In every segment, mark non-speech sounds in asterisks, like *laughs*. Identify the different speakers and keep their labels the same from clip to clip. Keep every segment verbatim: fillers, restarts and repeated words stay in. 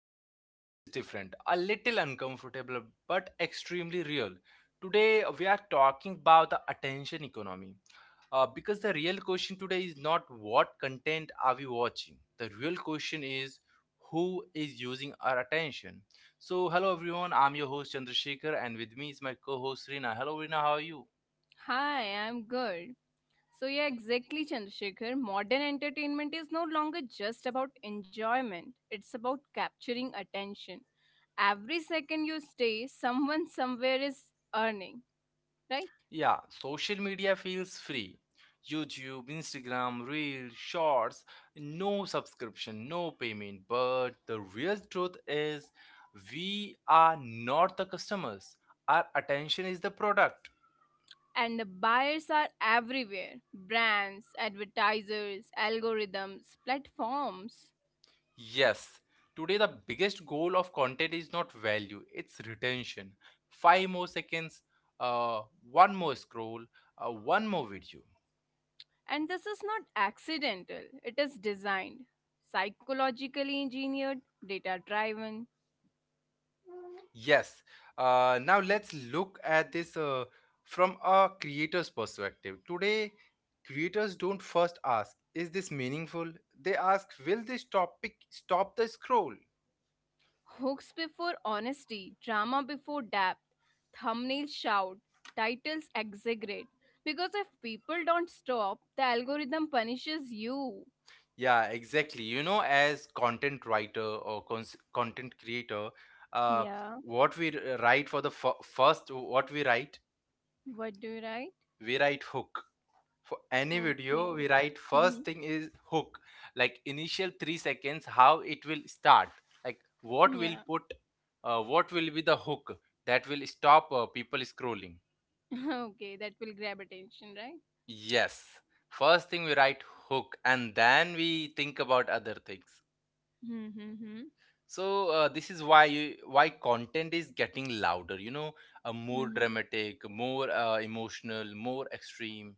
Speaker 1: Today's topic is different, a little uncomfortable, but extremely real. Today, we are talking about the attention economy. Uh, because the real question today is not what content are we watching, the real question is who is using our attention. So, hello, everyone. I'm your host, Chandrasekhar, and with me is my co host, Rina. Hello, Rina, how are you?
Speaker 2: Hi, I'm good. So, yeah, exactly, Chandrasekhar. Modern entertainment is no longer just about enjoyment, it's about capturing attention. Every second you stay, someone somewhere is earning, right?
Speaker 1: Yeah, social media feels free. YouTube, Instagram, Reels, Shorts, no subscription, no payment. But the real truth is, we are not the customers. Our attention is the product.
Speaker 2: And the buyers are everywhere brands, advertisers, algorithms, platforms.
Speaker 1: Yes, today the biggest goal of content is not value, it's retention. Five more seconds, uh, one more scroll, uh, one more video.
Speaker 2: And this is not accidental, it is designed, psychologically engineered, data driven,
Speaker 1: Yes. Uh, now let's look at this uh, from a creator's perspective. Today, creators don't first ask, is this meaningful? They ask, will this topic stop the scroll?
Speaker 2: Hooks before honesty, drama before depth, thumbnails shout, titles exaggerate. Because if people don't stop, the algorithm punishes you.
Speaker 1: Yeah, exactly. You know, as content writer or cons- content creator, uh,
Speaker 2: Yeah.
Speaker 1: what we r- write for the f- first, what we write,
Speaker 2: What do you write?
Speaker 1: we write hook for any
Speaker 2: Okay.
Speaker 1: video. We write
Speaker 2: Mm-hmm.
Speaker 1: first thing is hook, like initial three seconds how it will start, like what will
Speaker 2: Yeah.
Speaker 1: put, uh, what will be the hook that will stop, uh, people scrolling.
Speaker 2: *laughs* Okay, that will grab attention, right?
Speaker 1: Yes, first thing we write hook, and then we think about other things.
Speaker 2: Mm-hmm.
Speaker 1: So, uh, this is why you, why content is getting louder you know uh, more
Speaker 2: Mm-hmm.
Speaker 1: dramatic, more uh, emotional, more extreme.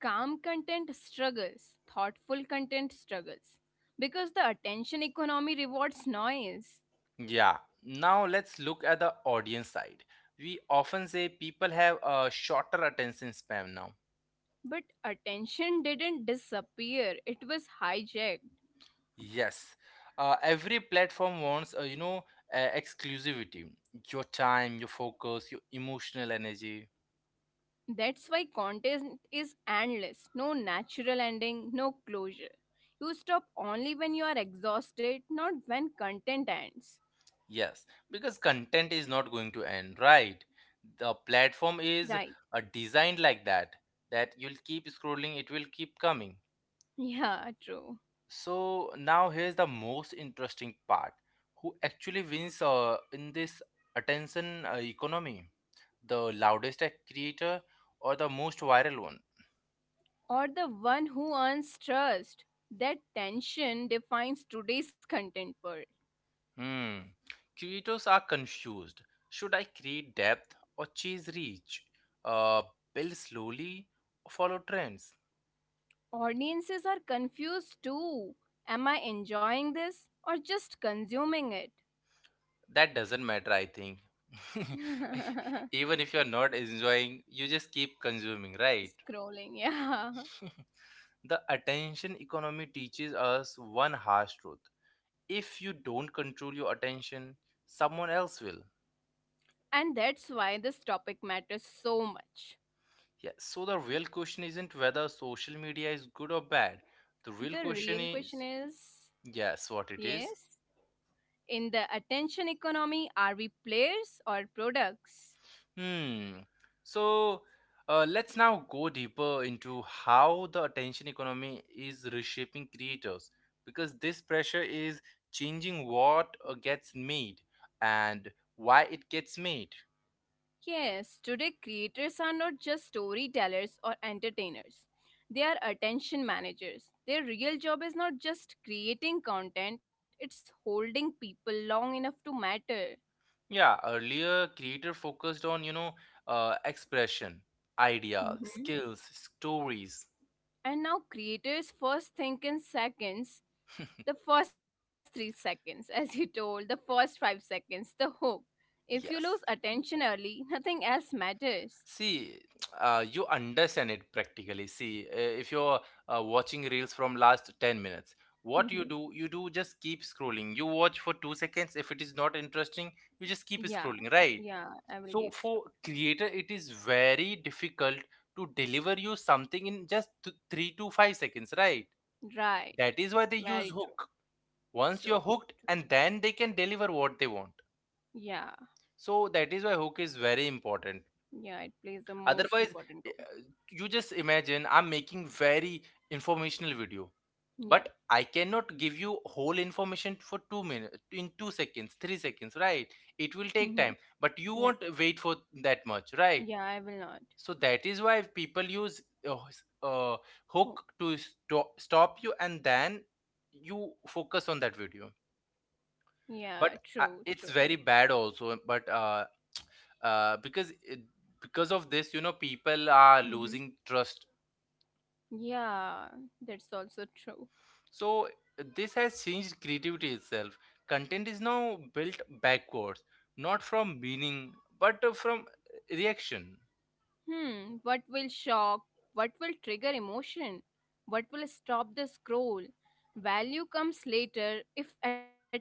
Speaker 2: Calm content struggles, thoughtful content struggles. Because the attention economy rewards noise.
Speaker 1: Yeah. Now let's look at the audience side. We often say people have a shorter attention span now.
Speaker 2: But attention didn't disappear, it was hijacked.
Speaker 1: Yes. Uh, every platform wants, uh, you know, uh, exclusivity. Your time, your focus, your emotional energy.
Speaker 2: That's why content is endless, no natural ending, no closure. You stop only when you are exhausted, not when content ends.
Speaker 1: Yes. Because content is not going to end, right? The platform is
Speaker 2: Right.
Speaker 1: uh, designed like that, that you'll keep scrolling, it will keep coming.
Speaker 2: *laughs* Yeah, true.
Speaker 1: So now here's the most interesting part. Who actually wins uh, in this attention uh, economy? The loudest act creator or the most viral one?
Speaker 2: Or the one who earns trust. That tension defines today's content world.
Speaker 1: Hmm. Creators are confused. Should I create depth or chase reach? Uh, build slowly or follow trends?
Speaker 2: Audiences are confused too. Am I enjoying this or just consuming it?
Speaker 1: That doesn't matter, I think. *laughs*
Speaker 2: *laughs*
Speaker 1: Even if you're not enjoying, you just keep consuming, right?
Speaker 2: Scrolling, yeah.
Speaker 1: The attention economy teaches us one harsh truth. If you don't control your attention, someone else will.
Speaker 2: And that's why this topic matters so much.
Speaker 1: Yeah, so the real question isn't whether social media is good or bad. The real
Speaker 2: The
Speaker 1: question
Speaker 2: real
Speaker 1: is,
Speaker 2: question is,
Speaker 1: yes, what it is.
Speaker 2: yes, in the attention economy, are we players or products?
Speaker 1: Hmm. So, uh, let's now go deeper into how the attention economy is reshaping creators, because this pressure is changing what uh, gets made and why it gets made.
Speaker 2: Yes, today creators are not just storytellers or entertainers. They are attention managers. Their real job is not just creating content, it's holding people long enough to matter.
Speaker 1: Yeah, earlier creator focused on, you know, uh, expression, idea,
Speaker 2: Mhm.
Speaker 1: skills, stories.
Speaker 2: And now creators first think in seconds, the first three seconds, *laughs* as you told, the first five seconds, the hook. If you lose
Speaker 1: Yes.
Speaker 2: attention early, *laughs* nothing else matters.
Speaker 1: See, *tsk* uh, you understand it practically. See, uh, if you're uh, watching reels from last ten minutes, what you
Speaker 2: Hmm.
Speaker 1: do, you do just keep scrolling. You watch for two seconds. If it is not interesting, you just keep
Speaker 2: Yeah,
Speaker 1: scrolling, right?
Speaker 2: yeah, I will keep
Speaker 1: So
Speaker 2: strong.
Speaker 1: for creator, it is very difficult to deliver you something in just th- three to five seconds, right?
Speaker 2: Right,
Speaker 1: That is why they use
Speaker 2: very true,
Speaker 1: hook. Once you're
Speaker 2: true,
Speaker 1: hooked,
Speaker 2: true.
Speaker 1: and then they can deliver what they want.
Speaker 2: Yeah,
Speaker 1: So that is why hook is very important,
Speaker 2: yeah, it plays the most
Speaker 1: otherwise,
Speaker 2: important
Speaker 1: eh,
Speaker 2: role.
Speaker 1: you just imagine I'm making very informational video,
Speaker 2: Yeah,
Speaker 1: but I cannot give you whole information for two minutes in two seconds, three seconds, right? It will take
Speaker 2: hmm,
Speaker 1: time, but you
Speaker 2: yeah,
Speaker 1: won't wait for that much, right?
Speaker 2: yeah, I will not.
Speaker 1: So that is why people use, uh, s- uh, hook
Speaker 2: Hooks.
Speaker 1: to sto- stop you, and then you focus on that video.
Speaker 2: Yeah,
Speaker 1: But
Speaker 2: true,
Speaker 1: uh,
Speaker 2: true.
Speaker 1: it's very bad also, but uh, uh, because it, because of this, you know people are
Speaker 2: Hmm.
Speaker 1: losing trust.
Speaker 2: Yeah, that's also true.
Speaker 1: So this has changed creativity itself. Content is now built backwards, not from meaning, but uh, from reaction.
Speaker 2: Hmm, what will shock? What will trigger emotion? What will stop the scroll? Value comes later, if at all.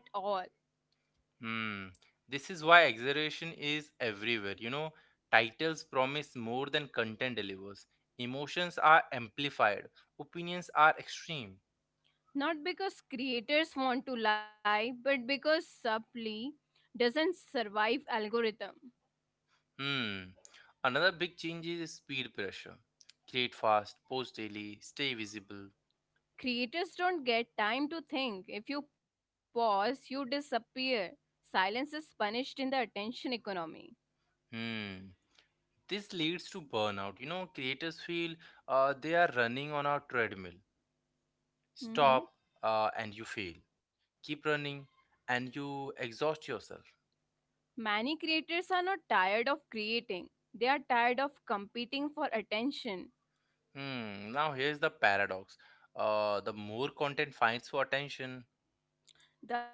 Speaker 1: Hmm, this is why exaggeration is everywhere you know Titles promise more than content delivers. Emotions are amplified. Opinions are extreme.
Speaker 2: Not because creators want to lie, but because supply doesn't survive algorithm.
Speaker 1: Hmm. Another big change is speed pressure. Create fast, post daily, stay visible.
Speaker 2: Creators don't get time to think. If you pause, you disappear. Silence is punished in the attention economy.
Speaker 1: Hmm. This leads to burnout. You know, creators feel uh, they are running on a treadmill.
Speaker 2: Mhm.
Speaker 1: Stop uh, and you fail. Keep running and you exhaust yourself.
Speaker 2: Many creators are not tired of creating. They are tired of competing for attention
Speaker 1: Hmm. Now, here's the paradox, uh, the more content fights for attention.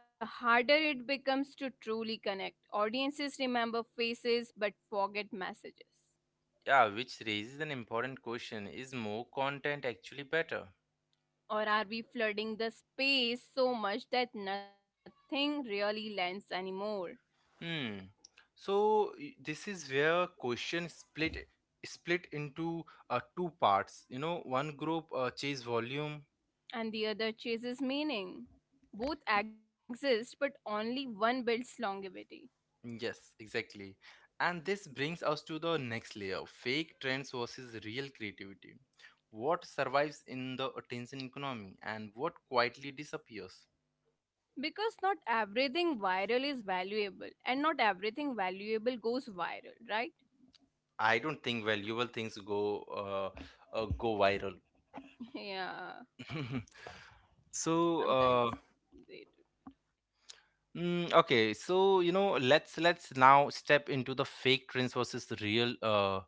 Speaker 2: the harder it becomes to truly connect. Audiences remember faces but forget messages.
Speaker 1: Yeah, which raises an important question, is more content actually better?
Speaker 2: Or are we flooding the space so much that nothing really lands anymore
Speaker 1: Hmm. So y- this is where question split split into uh, two parts. You know, one group uh, chase volume.
Speaker 2: and the other chases meaning? Both exist, but only one builds longevity.
Speaker 1: Yes, exactly. And this brings us to the next layer: fake trends versus real creativity. What survives in the attention economy, and what quietly disappears?
Speaker 2: Because not everything viral is valuable, and not everything valuable goes viral, right?
Speaker 1: I don't think valuable things go uh, uh, go viral.
Speaker 2: *laughs* Yeah,
Speaker 1: *laughs* So,
Speaker 2: sometimes they do.
Speaker 1: mm, okay, so you know, let's let's now step into the fake trends versus the real, uh,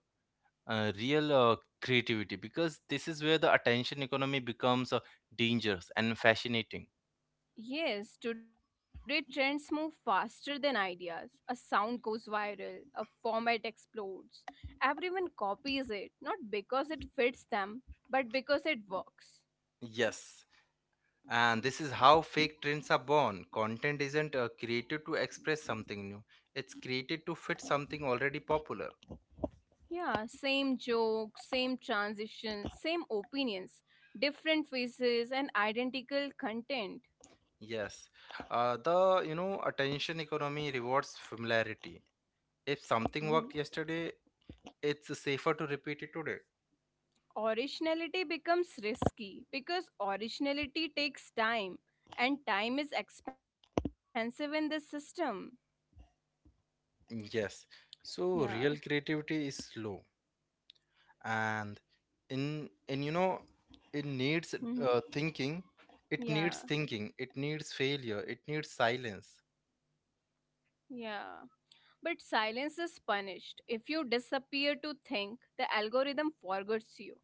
Speaker 1: uh, real uh, creativity, because this is where the attention economy becomes uh, dangerous and fascinating.
Speaker 2: Yes, today trends move faster than ideas. A sound goes viral, a format explodes. Everyone copies it, not because it fits them, but because it works.
Speaker 1: Yes, and this is how fake trends are born. Content isn't uh, created to express something new; it's created to fit something already popular.
Speaker 2: Yeah, same joke, same transition, same opinions, different faces, and identical content.
Speaker 1: Yes, uh, the you know attention economy rewards familiarity. If something
Speaker 2: Mhm.
Speaker 1: worked yesterday, it's safer to repeat it today.
Speaker 2: Originality becomes risky because originality takes time, and time is expensive in this system.
Speaker 1: Yes.
Speaker 2: Yeah.
Speaker 1: So real creativity is slow and in in you know it needs
Speaker 2: Mm-hmm.
Speaker 1: uh, thinking. It needs
Speaker 2: Yeah,
Speaker 1: thinking. It needs failure. It needs silence.
Speaker 2: yeah. But silence is punished. If you disappear to think, the algorithm forgets you.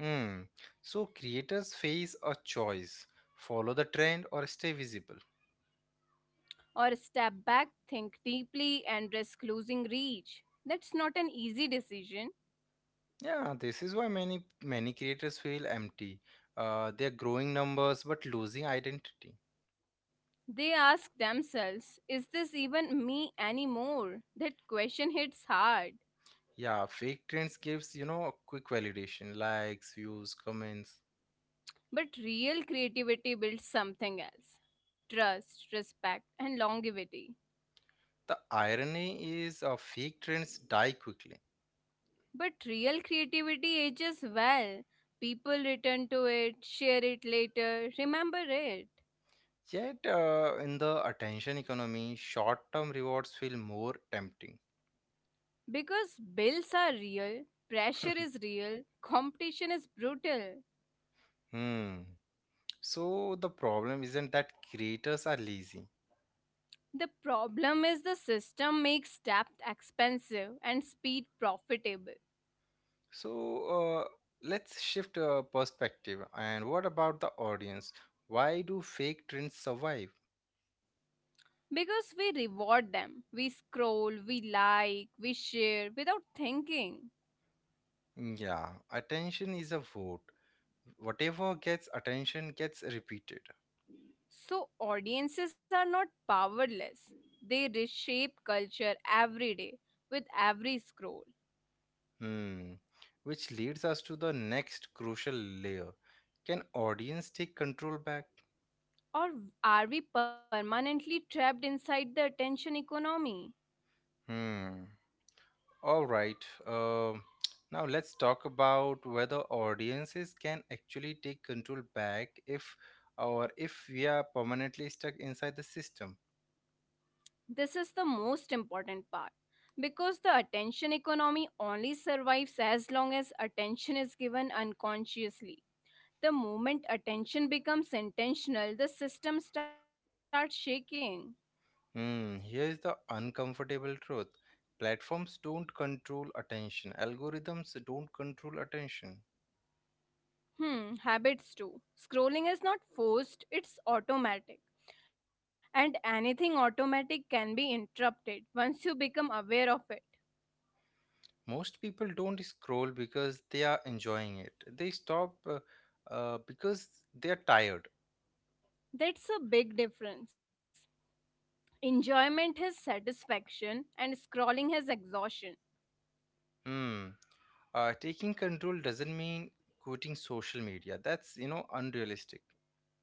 Speaker 1: Hmm. So creators face a choice. Follow the trend or stay visible.
Speaker 2: Or step back, think deeply, and risk losing reach. That's not an easy decision.
Speaker 1: Yeah, this is why many many creators feel empty. Uh, they're growing numbers but losing identity.
Speaker 2: They ask themselves, is this even me anymore? That question hits hard.
Speaker 1: Yeah, fake trends gives, you know, quick validation, likes, views, comments.
Speaker 2: But real creativity builds something else: trust, respect, and longevity.
Speaker 1: The irony is, uh, fake trends die quickly.
Speaker 2: But real creativity ages well. People return to it, share it later, remember it.
Speaker 1: Yet, uh, in the attention economy, short term rewards feel more tempting.
Speaker 2: Because bills are real, pressure is real, competition is brutal.
Speaker 1: Hmm. So, the problem isn't that creators are lazy.
Speaker 2: The problem is the system makes depth expensive and speed profitable.
Speaker 1: So, uh, let's shift uh, perspective. And what about the audience? Why do fake trends survive?
Speaker 2: Because we reward them, we scroll, we like, we share without thinking.
Speaker 1: Hmm, yeah, attention is a vote. Whatever gets attention gets repeated.
Speaker 2: So, audiences are not powerless. They reshape culture every day with every scroll.
Speaker 1: Hmm. Which leads us to the next crucial layer. Can audience take control back?
Speaker 2: Or are we permanently trapped inside the attention economy?
Speaker 1: Hmm. All right. Um. *tsk* Now let's talk about whether audiences can actually take control back, if or if we are permanently stuck inside the system.
Speaker 2: This is the most important part because the attention economy only survives as long as attention is given unconsciously. The moment attention becomes intentional, the system starts shaking.
Speaker 1: Hmm. Here is the uncomfortable truth. Platforms don't control attention. Algorithms don't control attention.
Speaker 2: Hmm, habits too. Scrolling is not forced, it's automatic, and anything automatic can be interrupted once you become aware of it.
Speaker 1: Most people don't scroll because they are enjoying it. They stop uh, uh, because they are tired.
Speaker 2: That's a big difference. Enjoyment has satisfaction, and scrolling has exhaustion.
Speaker 1: Hmm. Uh, taking control doesn't mean quitting social media, that's you know unrealistic.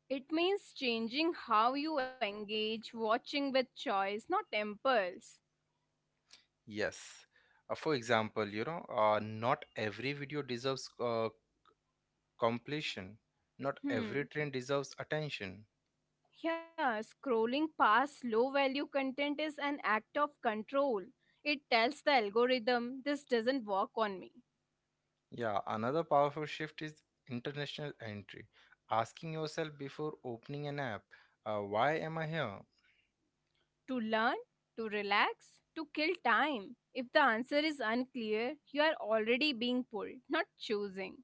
Speaker 2: It means changing how you engage, watching with choice, not impulse.
Speaker 1: Yes. Uh, for example, you know uh, not every video deserves uh, completion. Not every
Speaker 2: Hmm.
Speaker 1: trend deserves attention.
Speaker 2: Yeah, scrolling past low value content is an act of control. It tells the algorithm this doesn't work on me.
Speaker 1: Yeah, another powerful shift is international entry, asking yourself before opening an app, uh, why am I here?
Speaker 2: To learn, to relax, to kill time. If the answer is unclear, you are already being pulled, not choosing.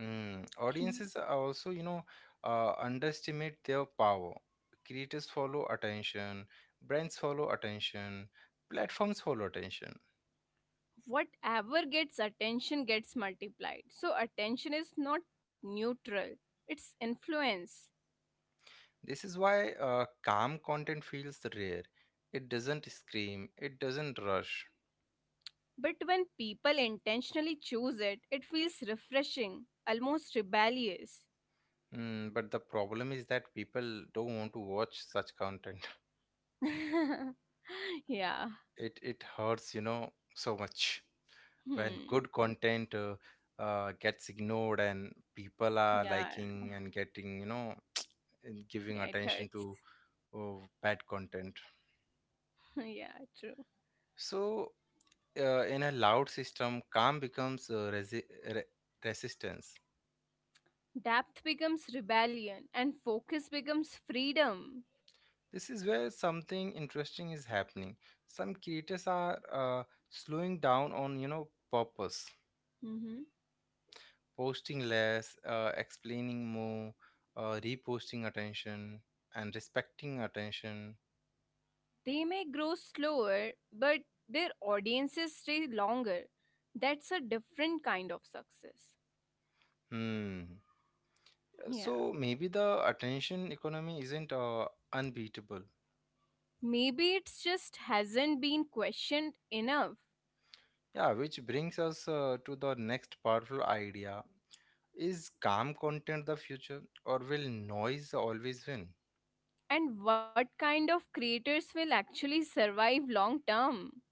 Speaker 1: Mm, audiences
Speaker 2: *clears throat*
Speaker 1: are also, you know, uh, underestimate their power. Creators follow attention, brands follow attention, platforms follow attention.
Speaker 2: Whatever gets attention gets multiplied. So, attention is not neutral, it's influence.
Speaker 1: This is why uh, calm content feels rare. It doesn't scream, it doesn't rush.
Speaker 2: But when people intentionally choose it, it feels refreshing, almost rebellious.
Speaker 1: Mm, but the problem is that people don't want to watch such content. *laughs*
Speaker 2: *laughs* Yeah.
Speaker 1: It it hurts, you know, so much when good
Speaker 2: Hmm.
Speaker 1: content uh, uh, gets ignored and people are
Speaker 2: Yeah.
Speaker 1: liking and getting, you know, in giving
Speaker 2: Yeah, it
Speaker 1: attention to
Speaker 2: hurts.
Speaker 1: uh, bad content.
Speaker 2: *laughs* Yeah, true.
Speaker 1: So, uh, in a loud system, calm becomes uh, resi- re- resistance.
Speaker 2: Depth becomes rebellion and focus becomes freedom.
Speaker 1: This is where something interesting is happening. Some creators are uh, slowing down on you know purpose,
Speaker 2: Mhm.
Speaker 1: posting less, uh, explaining more, uh, reposting attention, and respecting attention.
Speaker 2: They may grow slower, but their audiences stay longer. That's a different kind of success.
Speaker 1: Hmm.
Speaker 2: Yeah.
Speaker 1: So maybe the attention economy isn't uh, unbeatable.
Speaker 2: Maybe it's just hasn't been questioned enough.
Speaker 1: Yeah, which brings us uh, to the next powerful idea. Is calm content the future or will noise always win?
Speaker 2: And what kind of creators will actually survive long term?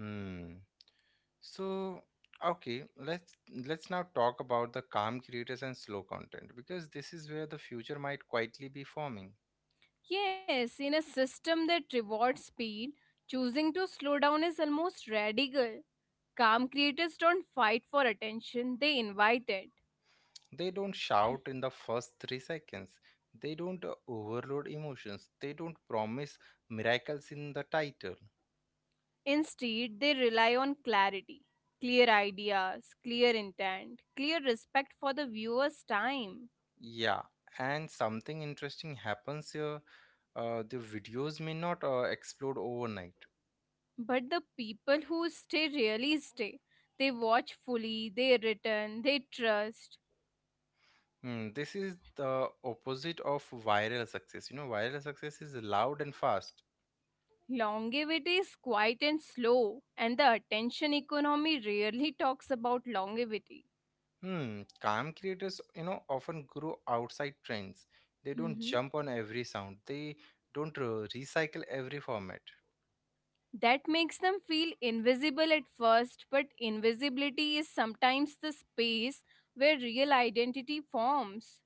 Speaker 1: Hmm. So, okay, let's let's now talk about the calm creators and slow content, because this is where the future might quietly be forming.
Speaker 2: Yes, in a system that rewards speed, choosing to slow down is almost radical. Calm creators don't fight for attention, they invite it.
Speaker 1: They don't shout in the first three seconds. They don't uh, overload emotions. They don't promise miracles in the title.
Speaker 2: Instead, they rely on clarity, clear ideas, clear intent, clear respect for the viewer's time.
Speaker 1: Yeah, and something interesting happens here. Uh, the videos may not uh, explode overnight.
Speaker 2: But the people who stay really stay. They watch fully, they return, they trust.
Speaker 1: Hmm, this is the opposite of viral success. You know, viral success is loud and fast.
Speaker 2: Longevity is quiet and slow, and the attention economy rarely talks about longevity.
Speaker 1: Hmm, calm creators, you know, often grow outside trends. They don't
Speaker 2: Mm-hmm.
Speaker 1: jump on every sound. They don't uh, recycle every format.
Speaker 2: That makes them feel invisible at first, but invisibility is sometimes the space where real identity forms.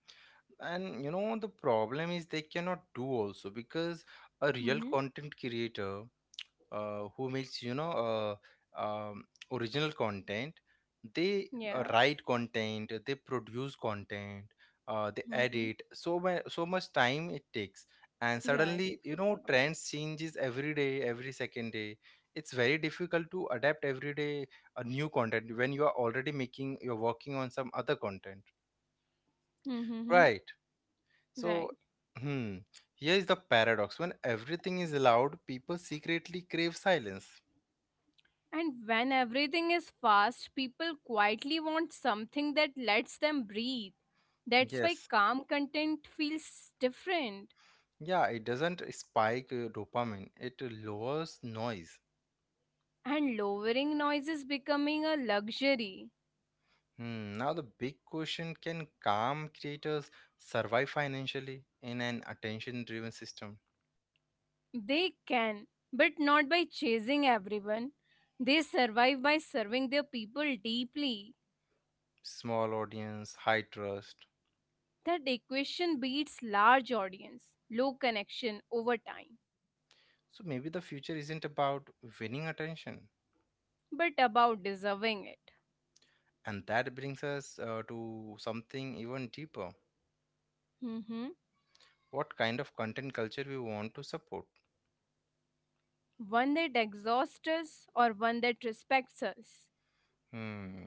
Speaker 1: And you know the problem is they cannot do also, because a real
Speaker 2: Mm-hmm.
Speaker 1: content creator, uh, who makes you know uh, um, original content, they uh,
Speaker 2: Yeah.
Speaker 1: write content, they produce content, uh, they
Speaker 2: Mm-hmm.
Speaker 1: edit, so much so much time it takes, and
Speaker 2: Yeah, it
Speaker 1: suddenly you
Speaker 2: takes a lot
Speaker 1: know
Speaker 2: of time.
Speaker 1: trends changes every day, every second day. It's very difficult to adapt every day a new content when you are already making, you're working on some other content,
Speaker 2: Mm-hmm.
Speaker 1: right? So,
Speaker 2: Right.
Speaker 1: hmm, here is the paradox. When everything is allowed, people secretly crave silence.
Speaker 2: And when everything is fast, people quietly want something that lets them breathe. That's why
Speaker 1: Yes.
Speaker 2: calm content feels different.
Speaker 1: Yeah, it doesn't spike uh, dopamine, it lowers noise.
Speaker 2: And lowering noise is becoming a luxury.
Speaker 1: Hmm, now, the big question, can calm creators survive financially in an attention driven system?
Speaker 2: They can, but not by chasing everyone. They survive by serving their people deeply.
Speaker 1: Small audience, high trust.
Speaker 2: That equation beats large audience, low connection over time,
Speaker 1: So, maybe the future isn't about winning attention.
Speaker 2: but about deserving it.
Speaker 1: And that brings us uh, to something even deeper,
Speaker 2: Mhm.
Speaker 1: what kind of content culture we want to support.
Speaker 2: One that exhausts us or one that respects us.
Speaker 1: Hmm.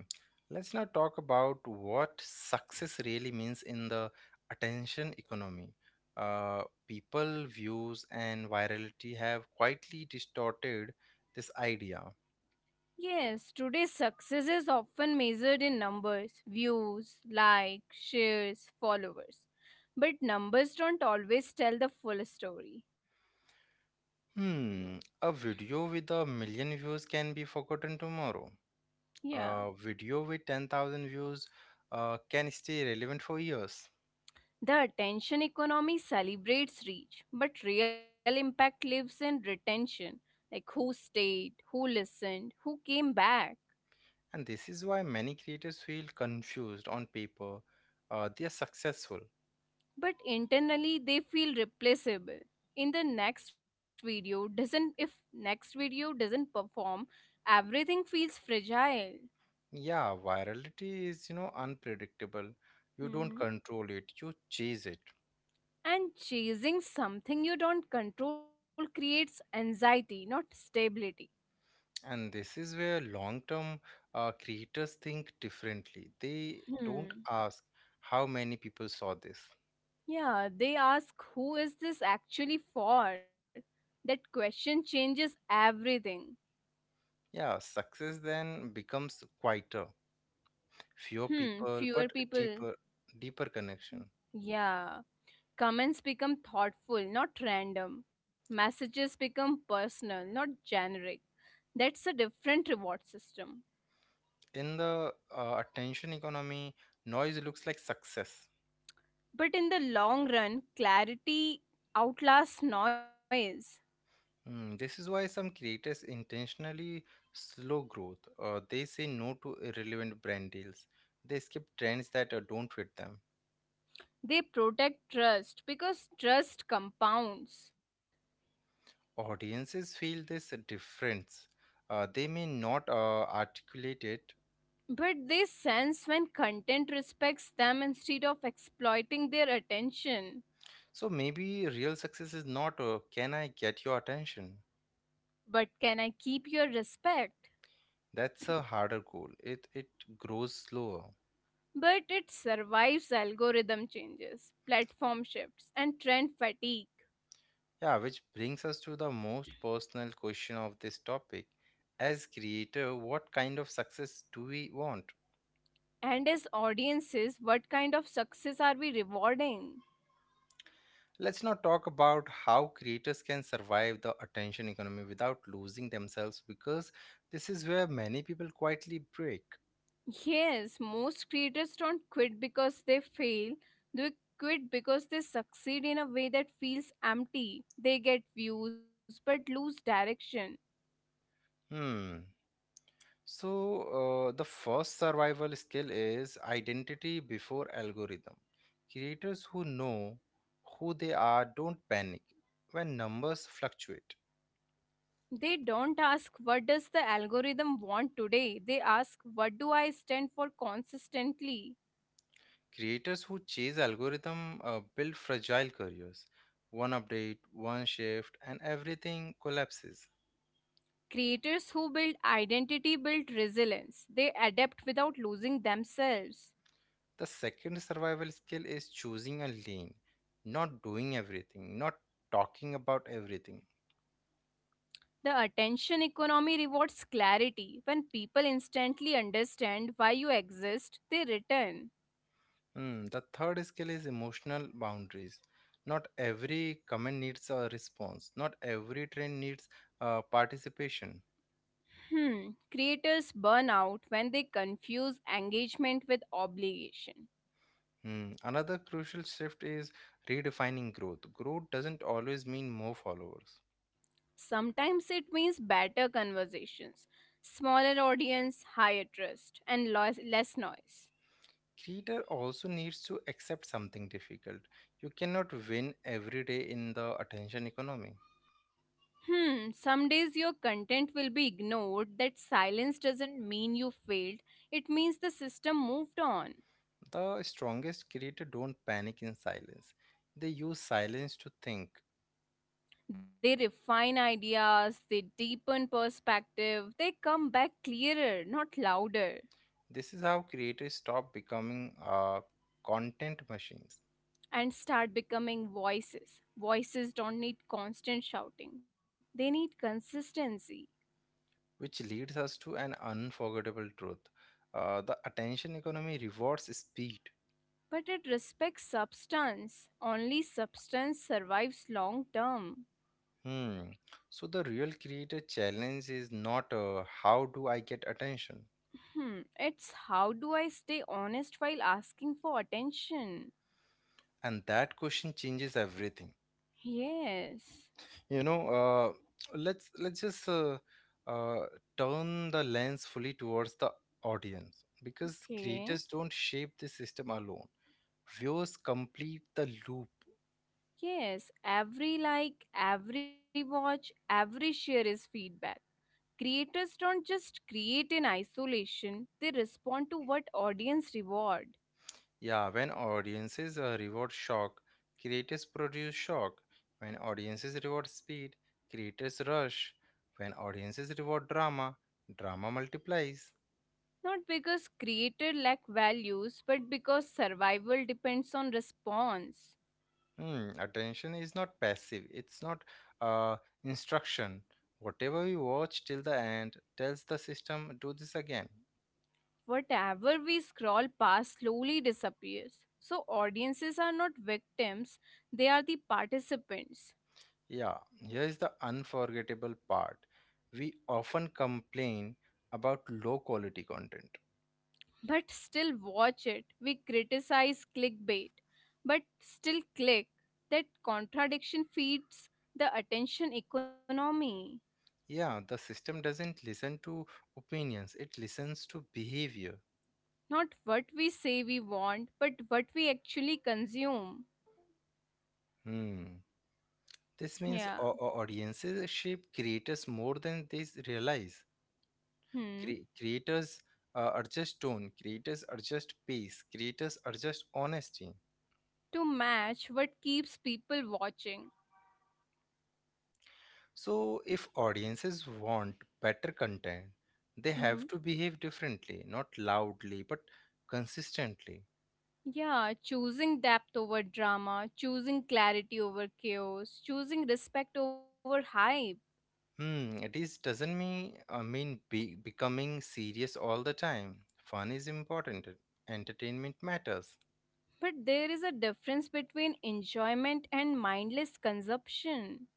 Speaker 1: Let's now talk about what success really means in the attention economy. Uh, people, views, and virality have quietly distorted this idea.
Speaker 2: Yes, today's success is often measured in numbers, views, likes, shares, followers. But numbers don't always tell the full story.
Speaker 1: Hmm. A video with a million views can be forgotten tomorrow.
Speaker 2: Yeah.
Speaker 1: A video with ten thousand views uh, can stay relevant for years.
Speaker 2: The attention economy celebrates reach, but real impact lives in retention, like who stayed, who listened, who came back.
Speaker 1: And this is why many creators feel confused on paper. Uh, they are successful.
Speaker 2: But internally, they feel replaceable. In the next video, doesn't if next video doesn't perform, everything feels fragile.
Speaker 1: Yeah, virality is, you know, unpredictable. You don't
Speaker 2: Mhm.
Speaker 1: control it, you chase it.
Speaker 2: And chasing something you don't control creates anxiety, not stability.
Speaker 1: And this is where long-term uh, creators think differently. They don't
Speaker 2: Hmm.
Speaker 1: ask how many people saw this.
Speaker 2: Yeah, they ask who is this actually for? That question changes everything.
Speaker 1: Yeah, success then becomes quieter, fewer
Speaker 2: Hmm,
Speaker 1: people,
Speaker 2: fewer
Speaker 1: but
Speaker 2: people.
Speaker 1: deeper, deeper connection.
Speaker 2: Yeah. Comments become thoughtful, not random. Messages become personal, not generic. That's a different reward system.
Speaker 1: In the uh, attention economy, noise looks like success.
Speaker 2: But in the long run, clarity outlasts noise.
Speaker 1: Hmm. This is why some creators intentionally slow growth. Uh, they say no to irrelevant brand deals. They skip trends that uh, don't fit them.
Speaker 2: They protect trust because trust compounds.
Speaker 1: Audiences feel this difference. Uh, they may not uh, articulate it.
Speaker 2: But they sense when content respects them instead of exploiting their attention.
Speaker 1: So maybe real success is not, uh, can I get your attention?
Speaker 2: But can I keep your respect?
Speaker 1: That's a harder goal. It it grows slower.
Speaker 2: But it survives algorithm changes, platform shifts, and trend fatigue.
Speaker 1: Yeah, which brings us to the most personal question of this topic. As creator, what kind of success do we want?
Speaker 2: And as audiences, what kind of success are we rewarding?
Speaker 1: Let's now talk about how creators can survive the attention economy without losing themselves, because this is where many people quietly break.
Speaker 2: Yes, most creators don't quit because they fail, they quit because they succeed in a way that feels empty. They get views but lose direction.
Speaker 1: Hmm. So, uh, the first survival skill is identity before algorithm. Creators who know who they are don't panic when numbers fluctuate.
Speaker 2: They don't ask what does the algorithm want today. They ask what do I stand for consistently.
Speaker 1: Creators who chase algorithm uh, build fragile careers. One update, one shift, and everything collapses.
Speaker 2: Creators who build identity build resilience. They adapt without losing themselves.
Speaker 1: The second survival skill is choosing a lane, not doing everything, not talking about everything.
Speaker 2: The attention economy rewards clarity. When people instantly understand why you exist, they return.
Speaker 1: Hmm, the third skill is emotional boundaries. Not every comment needs a response, not every trend needs uh, participation.
Speaker 2: Hmm, creators burn out when they confuse engagement with obligation.
Speaker 1: Hmm. Another crucial shift is redefining growth. Growth doesn't always mean more followers.
Speaker 2: Sometimes it means better conversations, smaller audience, higher trust, and lois- less noise.
Speaker 1: Creator also needs to accept something difficult. You cannot win every day in the attention economy.
Speaker 2: Hmm, some days your content will be ignored. That silence doesn't mean you failed, it means the system moved on.
Speaker 1: The strongest creators don't panic in silence. They use silence to think.
Speaker 2: They refine ideas, they deepen perspective, they come back clearer, not louder,
Speaker 1: This is how creators stop becoming uh, content machines,
Speaker 2: and start becoming voices. Voices don't need constant shouting, they need consistency.
Speaker 1: which leads us to an unforgettable truth. Uh, the attention economy rewards speed.
Speaker 2: But it respects substance. Only substance survives long term.
Speaker 1: Hmm. So the real creator challenge is not, uh, how do I get attention?
Speaker 2: Hmm, it's how do I stay honest while asking for attention?
Speaker 1: And that question changes everything.
Speaker 2: Yes.
Speaker 1: you know uh, let's let's just uh, uh, turn the lens fully towards the audience, because
Speaker 2: Okay.
Speaker 1: creators don't shape the system alone, viewers complete the loop.
Speaker 2: Yes, every like, every watch, every share is feedback. Creators don't just create in isolation, they respond to what audience reward.
Speaker 1: Yeah, when audiences uh, reward shock, creators produce shock. When audiences reward speed, creators rush. When audiences reward drama, drama multiplies.
Speaker 2: Not because creator lack values, but because survival depends on response.
Speaker 1: Hmm, attention is not passive. It's not uh, instruction. Whatever you watch till the end tells the system, do this again.
Speaker 2: Whatever we scroll past slowly disappears. So, audiences are not victims, they are the participants.
Speaker 1: Yeah, here is the unforgettable part. We often complain about low quality content.
Speaker 2: But still watch it. We criticize clickbait, but still click. That contradiction feeds the attention economy.
Speaker 1: Yeah, the system doesn't listen to opinions, it listens to behavior.
Speaker 2: Not what we say we want, but what we actually consume.
Speaker 1: Hmm. This means
Speaker 2: Yeah.
Speaker 1: au- au- audiences shape creators more than they realize.
Speaker 2: Hmm.
Speaker 1: Cre- creators uh, adjust tone, creators adjust pace, creators adjust honesty.
Speaker 2: To match what keeps people watching.
Speaker 1: So, if audiences want better content, they
Speaker 2: Mm-hmm.
Speaker 1: have to behave differently, not loudly, but consistently.
Speaker 2: Yeah, choosing depth over drama, choosing clarity over chaos, choosing respect over hype.
Speaker 1: Hmm, it is doesn't mean, I mean, be, becoming serious all the time. Fun is important. Entertainment matters.
Speaker 2: But there is a difference between enjoyment and mindless consumption.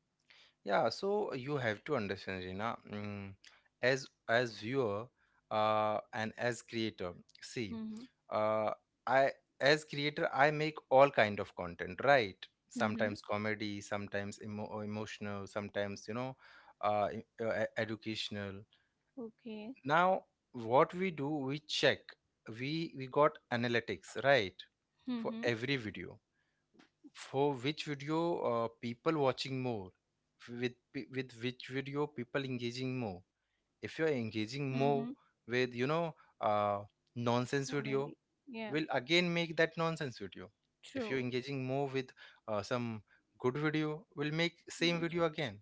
Speaker 1: Yeah, so you have to understand, Rina, mm, as as viewer uh, and as creator. See,
Speaker 2: Mm-hmm.
Speaker 1: uh, I as creator I make all kind of content, right?
Speaker 2: Mm-hmm.
Speaker 1: Sometimes comedy, sometimes emo emotional, sometimes you know, uh, e- uh, e- educational.
Speaker 2: Okay.
Speaker 1: Now, what we do, we check. We we got analytics, right? For
Speaker 2: Mm-hmm.
Speaker 1: every video, for which video uh, people watching more? With pe- with which video people engaging more? If you are engaging
Speaker 2: Mm-hmm.
Speaker 1: more with you know uh, nonsense
Speaker 2: Comedy.
Speaker 1: video,
Speaker 2: Yeah.
Speaker 1: will again make that nonsense video. If you're
Speaker 2: True.
Speaker 1: engaging more with uh, some good video, will make same video
Speaker 2: Education.
Speaker 1: again.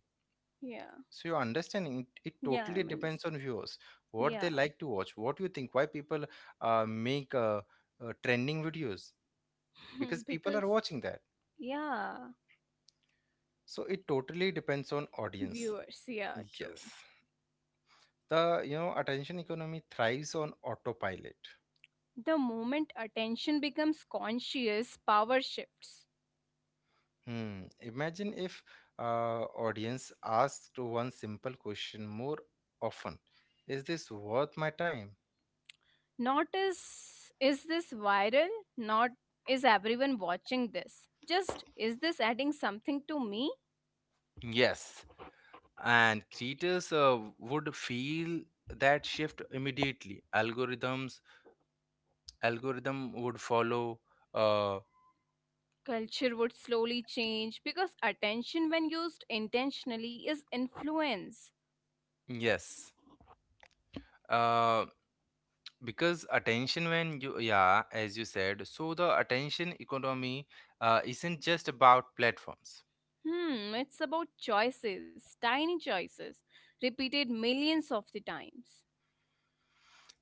Speaker 2: Yeah.
Speaker 1: So you're understanding it, it
Speaker 2: Yeah,
Speaker 1: totally
Speaker 2: I'm
Speaker 1: depends
Speaker 2: understand.
Speaker 1: on viewers what
Speaker 2: Yeah.
Speaker 1: they like to watch. What you think? Why people uh, make uh, uh, trending videos? Because
Speaker 2: *laughs*
Speaker 1: people are
Speaker 2: Because
Speaker 1: watching that.
Speaker 2: yeah.
Speaker 1: So it totally depends on audience.
Speaker 2: Viewers, yeah, true.
Speaker 1: Yes. The you know attention economy thrives on autopilot.
Speaker 2: The moment attention becomes conscious, power shifts.
Speaker 1: Hmm. Imagine if uh, audience asked one simple question more often. Is this worth my time?
Speaker 2: Not is is this viral? Not is everyone watching this? Just is this adding something to me?
Speaker 1: Yes. And creators uh, would feel that shift immediately. Algorithms algorithm would follow. uh,
Speaker 2: Culture would slowly change because attention, when used intentionally, is influence.
Speaker 1: yes. Um, because attention when you, yeah, as you said, so the attention economy uh, isn't just about platforms,
Speaker 2: Hmm, it's about choices, tiny choices, repeated millions of the times,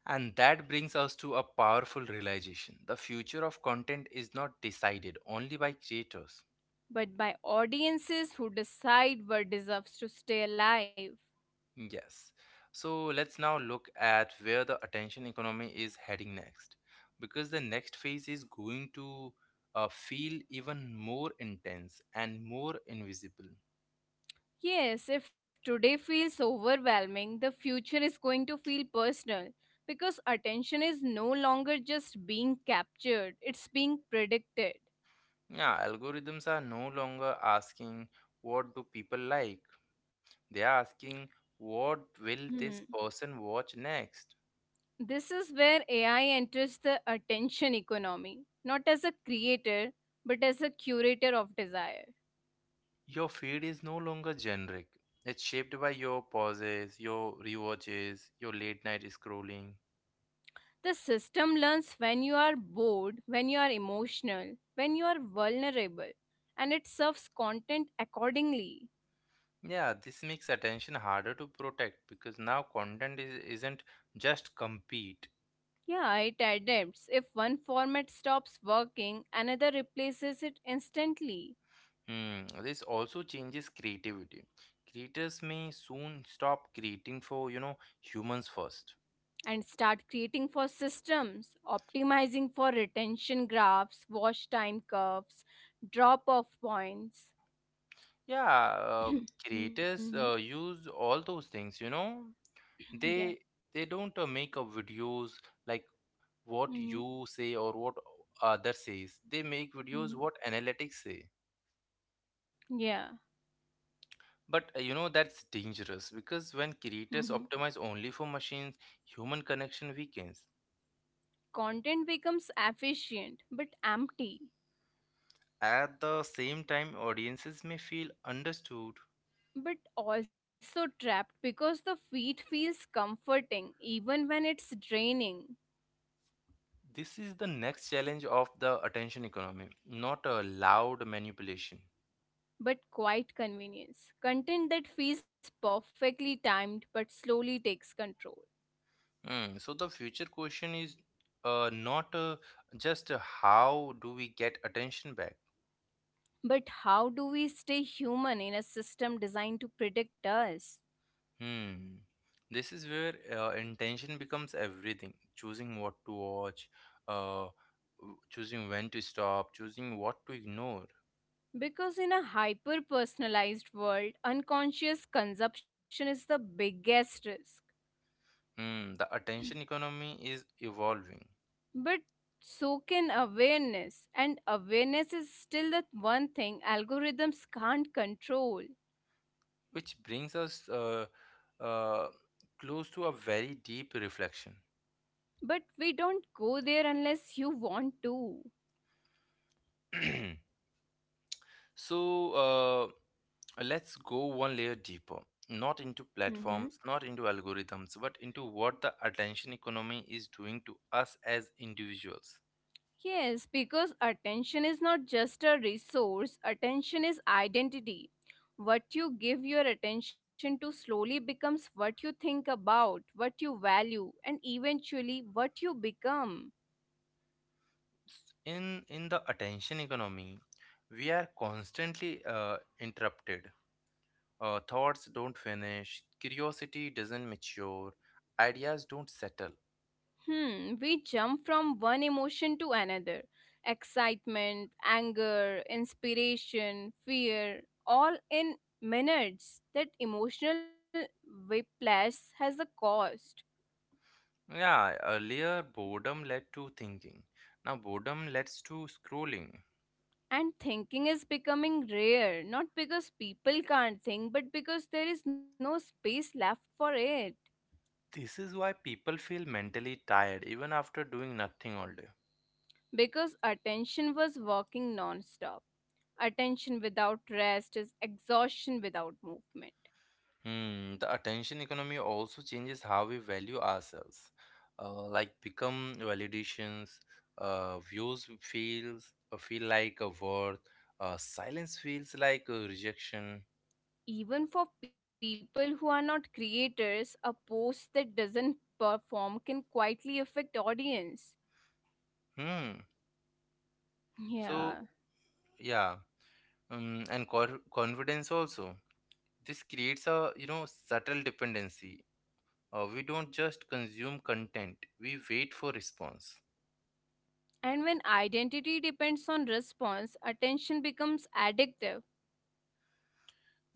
Speaker 1: and that brings us to a powerful realization: the future of content is not decided only by creators.
Speaker 2: but by audiences who decide what deserves to stay alive.
Speaker 1: Yes, so let's now look at where the attention economy is heading next, because the next phase is going to uh, feel even more intense and more invisible.
Speaker 2: Yes, if today feels overwhelming, the future is going to feel personal because attention is no longer just being captured, it's being predicted.
Speaker 1: Yeah, algorithms are no longer asking what do people like. They are asking what will
Speaker 2: Hmm.
Speaker 1: this person watch next.
Speaker 2: This is where A I enters the attention economy, not as a creator, but as a curator of desire.
Speaker 1: Your feed is no longer generic. It's shaped by your pauses, your rewatches, your late night scrolling.
Speaker 2: The system learns when you are bored, when you are emotional, when you are vulnerable, and it serves content accordingly.
Speaker 1: Yeah, this makes attention harder to protect because now content is, isn't just compete.
Speaker 2: Yeah, it adapts. If one format stops working, another replaces it instantly
Speaker 1: Hmm, this also changes creativity. Creators may soon stop creating for, you know, humans first.
Speaker 2: and start creating for systems, optimizing for retention graphs, wash time curves, drop off points.
Speaker 1: Yeah, uh,
Speaker 2: *clears throat* Mhm.
Speaker 1: creators uh, use all those things, you know.
Speaker 2: Yeah.
Speaker 1: They they don't uh, make up videos like what
Speaker 2: Hmm,
Speaker 1: you say or what other says. They make
Speaker 2: hmm.
Speaker 1: videos what analytics say.
Speaker 2: Yeah.
Speaker 1: But uh, you know that's dangerous because when
Speaker 2: Hmm.
Speaker 1: creators optimize only for machines, human connection weakens.
Speaker 2: Content becomes efficient but empty,
Speaker 1: At the same time, audiences may feel understood.
Speaker 2: but also trapped because the feed feels comforting even when it's draining.
Speaker 1: This is the next challenge of the attention economy, not a loud manipulation.
Speaker 2: But quite convenience. Content that feels perfectly timed but slowly takes control.
Speaker 1: Hmm. So the future question is uh, not, uh, just how do we get attention back.
Speaker 2: But how do we stay human in a system designed to predict us?
Speaker 1: Hmm. This is where uh, intention becomes everything. Choosing what to watch, uh, w- choosing when to stop, choosing what to ignore.
Speaker 2: Because in a hyper personalized world, unconscious consumption is the biggest risk.
Speaker 1: Hmm. The attention economy is evolving,
Speaker 2: But so can awareness, and awareness is still the one thing algorithms can't control.
Speaker 1: which brings us uh, uh, close to a very deep reflection.
Speaker 2: But we don't go there unless you want to.
Speaker 1: *clears throat* So. Uh, Let's go one layer deeper, not into platforms, not into algorithms, but into what the attention economy is doing to us as individuals.
Speaker 2: Yes, because attention is not just a resource, attention is identity. What you give your attention to slowly becomes what you think about, what you value, and eventually what you become.
Speaker 1: In in the attention economy, we are constantly uh, interrupted. Uh, thoughts don't finish, curiosity doesn't mature, ideas don't settle.
Speaker 2: Hmm, we jump from one emotion to another, excitement, anger, inspiration, fear, all in minutes. That emotional whiplash has a cost.
Speaker 1: Yeah, earlier boredom led to thinking. Now boredom leads to scrolling.
Speaker 2: And thinking is becoming rare, not because people can't think, but because there is no space left for it.
Speaker 1: This is why people feel mentally tired even after doing nothing all day.
Speaker 2: Because attention was working non stop. Attention without rest is exhaustion without movement.
Speaker 1: Hmm, the attention economy also changes how we value ourselves. Uh, like become validations, uh, views feels uh, feel like a worth, uh, silence feels like a rejection.
Speaker 2: Even for people who are not creators, a post that doesn't perform can quietly affect audience.
Speaker 1: Hmm. So
Speaker 2: Yeah.
Speaker 1: yeah, um, and cor- confidence also. This creates a you know subtle dependency. Uh, we don't just consume content; we wait for response.
Speaker 2: And when identity depends on response, attention becomes addictive.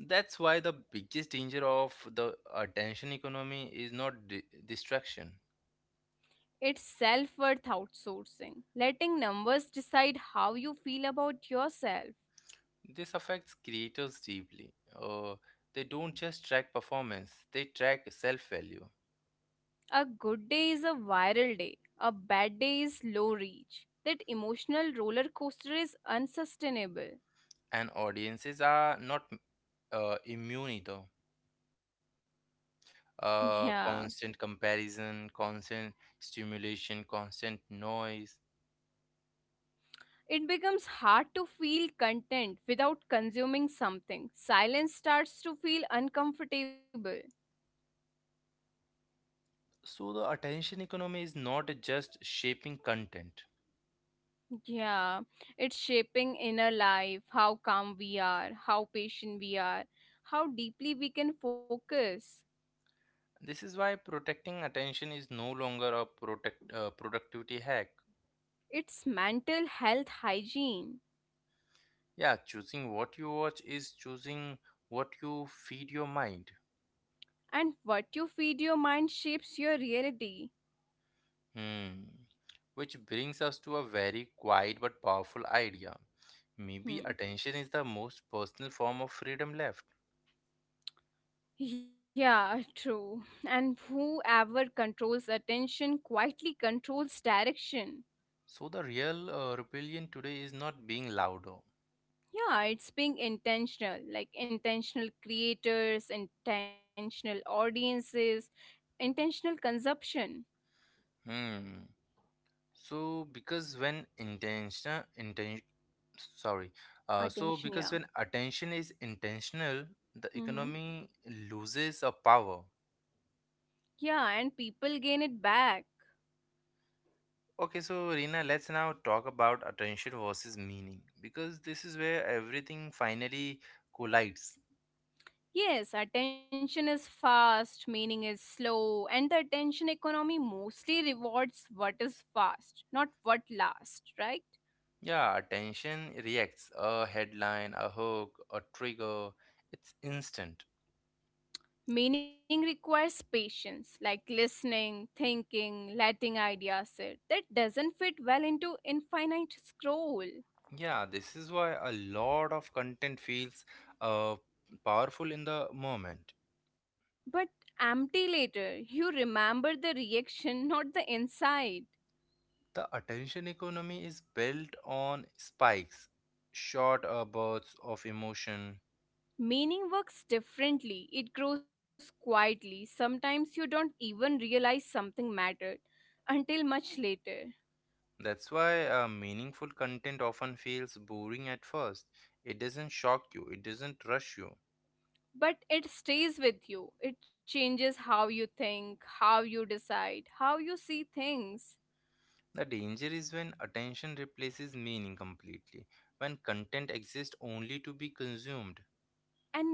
Speaker 1: That's why the biggest danger of the attention economy is not di- distraction.
Speaker 2: It's self worth outsourcing, letting numbers decide how you feel about yourself.
Speaker 1: This affects creators deeply. Uh, they don't just track performance, they track self value.
Speaker 2: A good day is a viral day, a bad day is low reach. That emotional roller coaster is unsustainable.
Speaker 1: And audiences are not uh, immune either.
Speaker 2: *laughs*
Speaker 1: Uh,
Speaker 2: Yeah,
Speaker 1: constant comparison, constant stimulation, constant noise.
Speaker 2: it becomes hard to feel content without consuming something. Silence starts to feel uncomfortable.
Speaker 1: So, the attention economy is not just shaping content.
Speaker 2: Yeah, it's shaping inner life, how calm we are, how patient we are, how deeply we can focus.
Speaker 1: This is why protecting attention is no longer a protect, uh, productivity hack.
Speaker 2: It's mental health hygiene.
Speaker 1: Yeah, choosing what you watch is choosing what you feed your mind.
Speaker 2: And what you feed your mind shapes your reality.
Speaker 1: Hmm. Which brings us to a very quiet but powerful idea. Maybe
Speaker 2: Hmm.
Speaker 1: attention is the most personal form of freedom left.
Speaker 2: Yeah, true. And whoever controls attention quietly controls direction.
Speaker 1: So the real uh, rebellion today is not being louder.
Speaker 2: Yeah, it's being intentional, like intentional creators, intentional audiences, intentional consumption.
Speaker 1: Hmm. So because when intention intention sorry. Uh, so because when
Speaker 2: Attention, yeah.
Speaker 1: attention is intentional, the economy
Speaker 2: Hmm.
Speaker 1: loses a power.
Speaker 2: Yeah, and people gain it back.
Speaker 1: Okay, so Rina, let's now talk about attention versus meaning, because this is where everything finally collides.
Speaker 2: Yes, attention is fast, meaning is slow, and the attention economy mostly rewards what is fast, not what lasts, right?
Speaker 1: Yeah, attention reacts a headline, a hook, a trigger, it's instant.
Speaker 2: Meaning requires patience, like listening, thinking, letting ideas sit. That doesn't fit well into infinite scroll.
Speaker 1: Yeah, this is why a lot of content feels uh, powerful in the moment.
Speaker 2: But empty later, you remember the reaction, not the insight.
Speaker 1: The attention economy is built on spikes, short uh, bursts of emotion.
Speaker 2: Meaning works differently, it grows quietly. Sometimes you don't even realize something mattered until much later.
Speaker 1: That's why uh, meaningful content often feels boring at first. It doesn't shock you, it doesn't rush you.
Speaker 2: But it stays with you. It changes how you think, how you decide, how you see things.
Speaker 1: The danger is when attention replaces meaning completely, when content exists only to be consumed.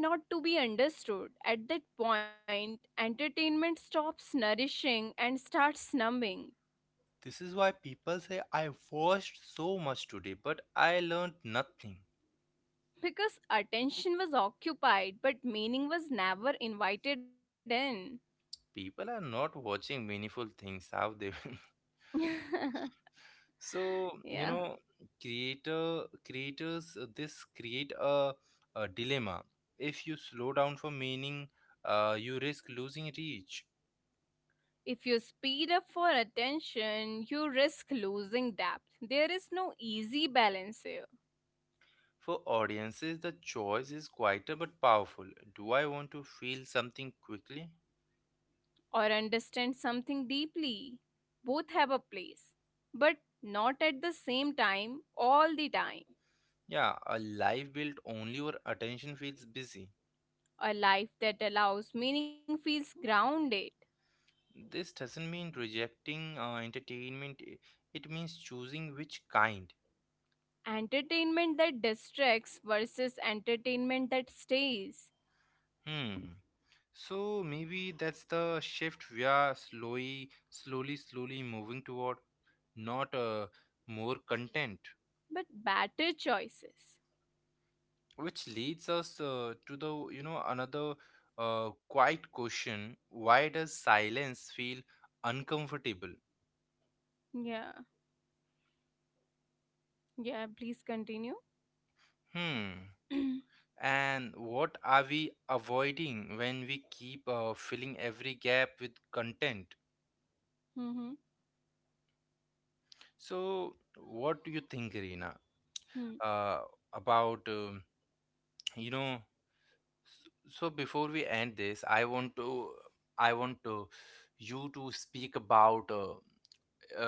Speaker 2: And not to be understood. At that point, entertainment stops nourishing and starts numbing.
Speaker 1: This is why people say, I watched so much today, but I learned nothing.
Speaker 2: Because attention was occupied, but meaning was never invited in.
Speaker 1: People are not watching meaningful things, have they? *laughs* So
Speaker 2: *laughs*
Speaker 1: you
Speaker 2: Yeah.
Speaker 1: know creator creators uh, this create a, a dilemma. If you slow down for meaning, uh, you risk losing reach.
Speaker 2: If you speed up for attention, you risk losing depth. There is no easy balance here,
Speaker 1: For audiences, the choice is quieter but powerful: do I want to feel something quickly?
Speaker 2: or understand something deeply. Both have a place, but not at the same time, all the time.
Speaker 1: Yeah, a life built only where attention feels busy.
Speaker 2: A life that allows meaning feels grounded.
Speaker 1: This doesn't mean rejecting uh, entertainment, i- it means choosing which kind.
Speaker 2: Entertainment that distracts versus entertainment that stays,
Speaker 1: Hmm. So maybe that's the shift we are slowly, slowly, slowly moving toward, not uh, more content,
Speaker 2: but better choices.
Speaker 1: which leads us uh, to the you know another uh, quiet question: Why does silence feel uncomfortable?
Speaker 2: Yeah, yeah, please continue.
Speaker 1: Hmm.
Speaker 2: *clears throat* Mm-hmm.
Speaker 1: And what are we avoiding when we keep uh, filling every gap with content? So, what do you think, Irina,
Speaker 2: Hmm.
Speaker 1: uh, about um you know? So so before we end this, I want to I want to you to speak about uh,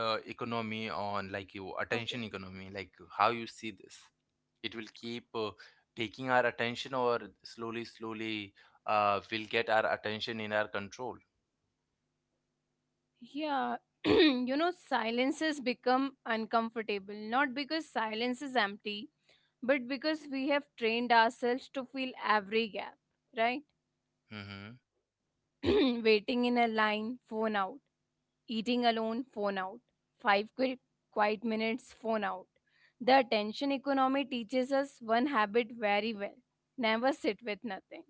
Speaker 1: uh, economy on, like, your
Speaker 2: Okay.
Speaker 1: attention economy, like how you see this. It will keep uh, taking our attention, or slowly, slowly, uh, will get our attention in our control.
Speaker 2: Yeah, *clears throat* you know, silences become uncomfortable, not because silence is empty, but because we have trained ourselves to fill every gap, right?
Speaker 1: Mm-hmm.
Speaker 2: *clears throat* Waiting in a line, phone out. Eating alone, phone out. Five quick, quiet minutes, phone out. The attention economy teaches us one habit very well, never sit with nothing,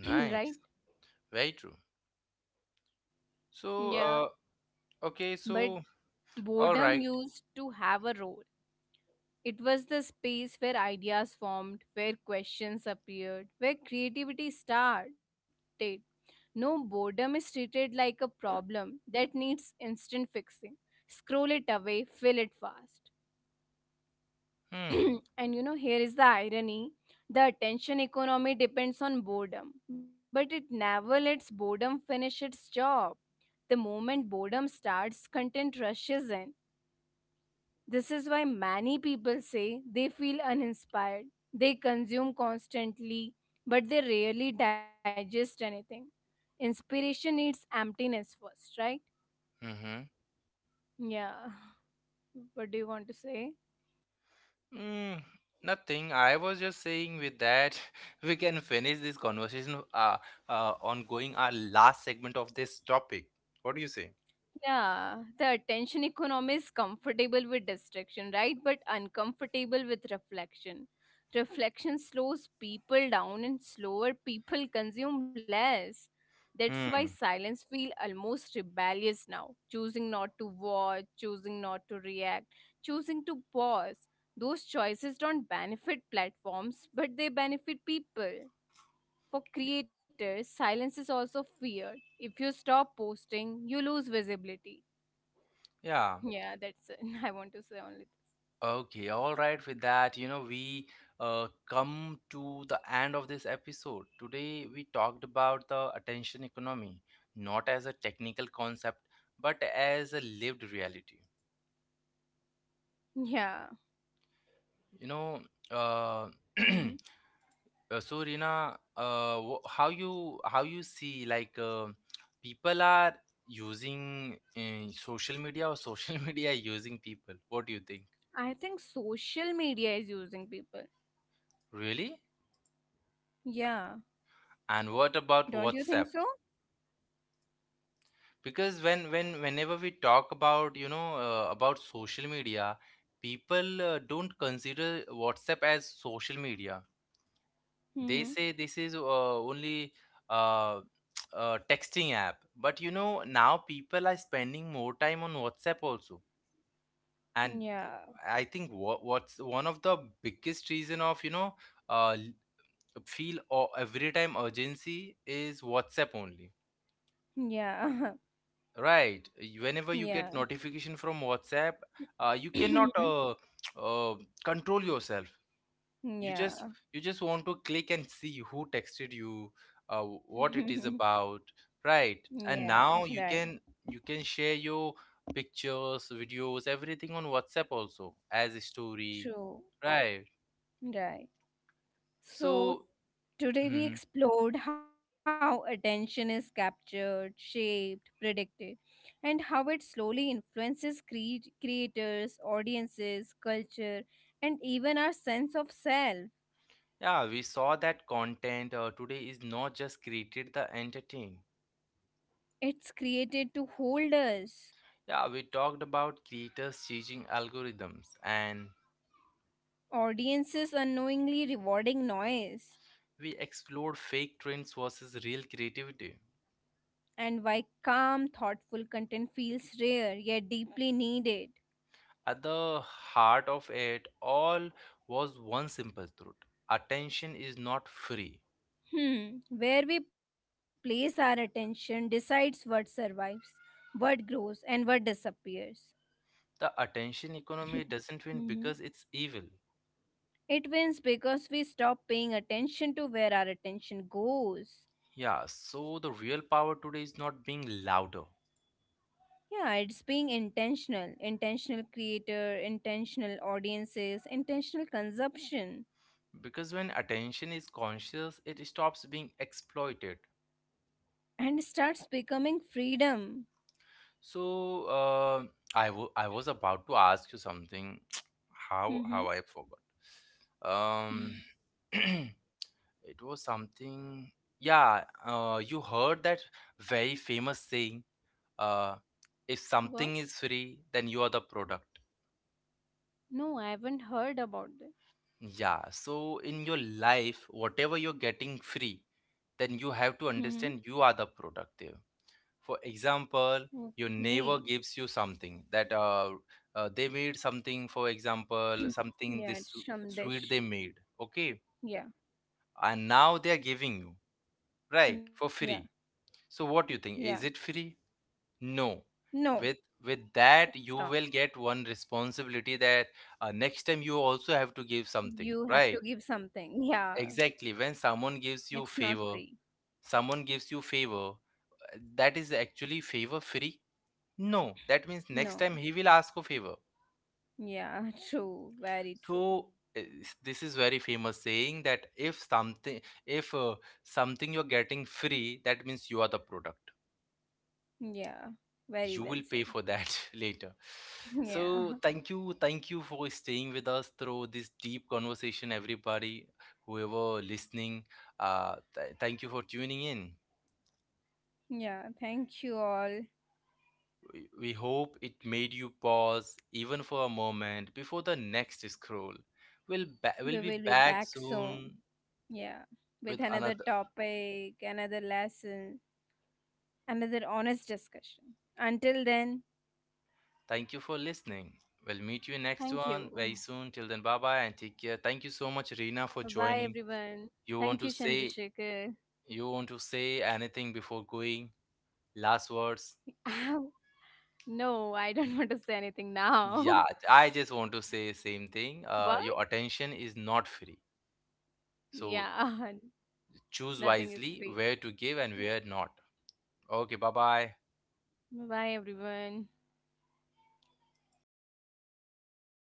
Speaker 2: *clears throat* right?
Speaker 1: very true. So,
Speaker 2: Yeah,
Speaker 1: uh, okay,
Speaker 2: but
Speaker 1: so all right.
Speaker 2: boredom used to have a role. It was the space where ideas formed, where questions appeared, where creativity started. No boredom is treated like a problem that needs instant fixing. Scroll it away, fill it fast.
Speaker 1: Hmm.
Speaker 2: *clears throat* And you know, here is the irony, the attention economy depends on boredom, but it never lets boredom finish its job. The moment boredom starts, content rushes in. This is why many people say they feel uninspired. They consume constantly, but they rarely digest anything. Inspiration needs emptiness first, right?
Speaker 1: Mm-hmm.
Speaker 2: Yeah. What do you want to say?
Speaker 1: Mm, nothing. I was just saying with that, *laughs* we can finish this conversation uh, uh, on going our last segment of this topic. What do you say?
Speaker 2: Yeah, the attention economy is comfortable with distraction, right? But uncomfortable with reflection. Reflection slows people down, and slower people consume less. That's why
Speaker 1: Hmm.
Speaker 2: silence feels almost rebellious now. Choosing not to watch, choosing not to react, choosing to pause. Those choices don't benefit platforms, but they benefit people.
Speaker 1: Y-
Speaker 2: For creators, silence is also feared. If you stop posting, you lose visibility.
Speaker 1: Yeah.
Speaker 2: Yeah, that's it. *laughs* I want to say only this.
Speaker 1: Okay. All right. With that, you know, we uh, come to the end of this episode. Today, we talked about the attention economy, not as a technical concept, but as a lived reality.
Speaker 2: Yeah.
Speaker 1: You know, uh, *clears throat*
Speaker 2: Hmm.
Speaker 1: Uh, so Rina, uh, wh- how you how you see like uh, people are using uh, social media or social *laughs* media using people? What do you think?
Speaker 2: I think social media is using people.
Speaker 1: Really?
Speaker 2: Yeah.
Speaker 1: And what about
Speaker 2: Don't you think
Speaker 1: WhatsApp?
Speaker 2: so?
Speaker 1: Because when when whenever we talk about you know uh, about social media, people uh, don't consider WhatsApp as social media. They
Speaker 2: Mm-hmm.
Speaker 1: say this is uh, only uh, *tsk* uh, texting app. But you know now people are spending more time on WhatsApp also, and
Speaker 2: Yeah.
Speaker 1: I think what, what's one of the biggest reason of you know uh l- feel or every time urgency is WhatsApp only,
Speaker 2: Yeah. *laughs*
Speaker 1: right? Y- whenever you get
Speaker 2: Yeah.
Speaker 1: notification from WhatsApp, uh, you cannot
Speaker 2: *coughs*
Speaker 1: uh, uh control yourself. you
Speaker 2: *clears throat*
Speaker 1: just
Speaker 2: Yeah.
Speaker 1: you just want to click and see who texted you, uh, what it is
Speaker 2: *laughs*
Speaker 1: about, right? And
Speaker 2: Yeah.
Speaker 1: now you
Speaker 2: Right.
Speaker 1: can, you can share your pictures, videos, everything on WhatsApp also as a story,
Speaker 2: True.
Speaker 1: right?
Speaker 2: Right. So,
Speaker 1: So,
Speaker 2: today we
Speaker 1: *clears throat*
Speaker 2: explored how attention is captured, shaped, predicted, and how it slowly influences cre- creators, audiences, culture, and even our sense of self.
Speaker 1: yeah, we saw that content uh, today is not just created the entertain.
Speaker 2: It's created to hold us,
Speaker 1: Yeah, we talked about creators changing algorithms, and
Speaker 2: audiences unknowingly rewarding noise,
Speaker 1: we explored fake trends versus real creativity.
Speaker 2: and why calm, thoughtful content feels rare yet deeply needed.
Speaker 1: At the heart of it all was one simple truth. Attention is not free.
Speaker 2: Hmm, where we place our attention decides what survives, what grows, and what disappears.
Speaker 1: The attention economy
Speaker 2: *clears throat*
Speaker 1: doesn't win
Speaker 2: Mhm.
Speaker 1: because it's evil.
Speaker 2: It wins because we stop paying attention to where our attention goes.
Speaker 1: Yeah, so the real power today is not being louder,
Speaker 2: Yeah, it's being intentional. Intentional creator, intentional audiences, intentional consumption.
Speaker 1: because when attention is conscious it stops being exploited.
Speaker 2: And starts becoming freedom.
Speaker 1: So uh, I w- I was about to ask you something. *tsk* how how
Speaker 2: Hmm.
Speaker 1: I forgot. um
Speaker 2: *laughs*
Speaker 1: *clears throat* it was something. Yeah, uh, you heard that very famous saying, uh, if
Speaker 2: What?
Speaker 1: something is free then you are the product.
Speaker 2: No, I haven't heard about that.
Speaker 1: Yeah, so in your life whatever you're getting free, then you have to
Speaker 2: Hmm.
Speaker 1: understand you are the product there. For example, your
Speaker 2: Okay.
Speaker 1: neighbor gives you something that uh, uh, they made, something, for example,
Speaker 2: *coughs*
Speaker 1: something
Speaker 2: *clears throat*
Speaker 1: this
Speaker 2: Yeah,
Speaker 1: su-
Speaker 2: it's some
Speaker 1: sweet they
Speaker 2: dish.
Speaker 1: made, okay?
Speaker 2: Yeah.
Speaker 1: And now they are giving you, right, for
Speaker 2: Yeah,
Speaker 1: free. So what do you think,
Speaker 2: yeah.
Speaker 1: is it free? No.
Speaker 2: No,
Speaker 1: With, with that you
Speaker 2: it's not.
Speaker 1: will get one responsibility, that uh, next time you also have to give something,
Speaker 2: You have to
Speaker 1: right?
Speaker 2: give something. *laughs* Yeah,
Speaker 1: Exactly. when someone gives you
Speaker 2: it's
Speaker 1: favor
Speaker 2: not free.
Speaker 1: Someone gives you favor, uh, that is actually favor free. No, that means next time he
Speaker 2: No.
Speaker 1: will ask a favor.
Speaker 2: Yeah, *laughs* true. Very
Speaker 1: So
Speaker 2: true.
Speaker 1: eh, this is very famous saying that if something if uh, something you're getting free, that means you are the product.
Speaker 2: Yeah, very
Speaker 1: You
Speaker 2: well
Speaker 1: will pay
Speaker 2: said.
Speaker 1: for that *laughs* later.
Speaker 2: *laughs* Yeah,
Speaker 1: So thank you, thank you for staying with us through this deep conversation, everybody, whoever listening. Uh, th- thank you for tuning in.
Speaker 2: yeah. Thank you all.
Speaker 1: We we hope it made you pause even for a moment before the next scroll. We'll, ba-
Speaker 2: We
Speaker 1: we'll
Speaker 2: will
Speaker 1: be
Speaker 2: be
Speaker 1: back
Speaker 2: back soon.
Speaker 1: soon
Speaker 2: Yeah, with
Speaker 1: with
Speaker 2: another
Speaker 1: another.
Speaker 2: topic, another lesson, another honest discussion. Until then,
Speaker 1: Thank you for listening. We'll meet you in next
Speaker 2: thank
Speaker 1: one very
Speaker 2: you.
Speaker 1: soon. Till then, bye bye and take care. Thank you so much, Reena, for
Speaker 2: Bye bye,
Speaker 1: joining.
Speaker 2: everyone.
Speaker 1: You want
Speaker 2: Thank
Speaker 1: to
Speaker 2: you,
Speaker 1: say
Speaker 2: Chandrasekhar.
Speaker 1: you want to say anything before going? Last words.
Speaker 2: *laughs* No, I don't *laughs* want to say anything now. *laughs*
Speaker 1: Yeah, I just want to say same thing.
Speaker 2: What?
Speaker 1: Uh, your attention is not free, so
Speaker 2: Yeah, *laughs*
Speaker 1: choose
Speaker 2: nothing is
Speaker 1: wisely
Speaker 2: free.
Speaker 1: where to give and
Speaker 2: Yeah.
Speaker 1: where not. Okay, bye bye.
Speaker 2: Bye bye, everyone.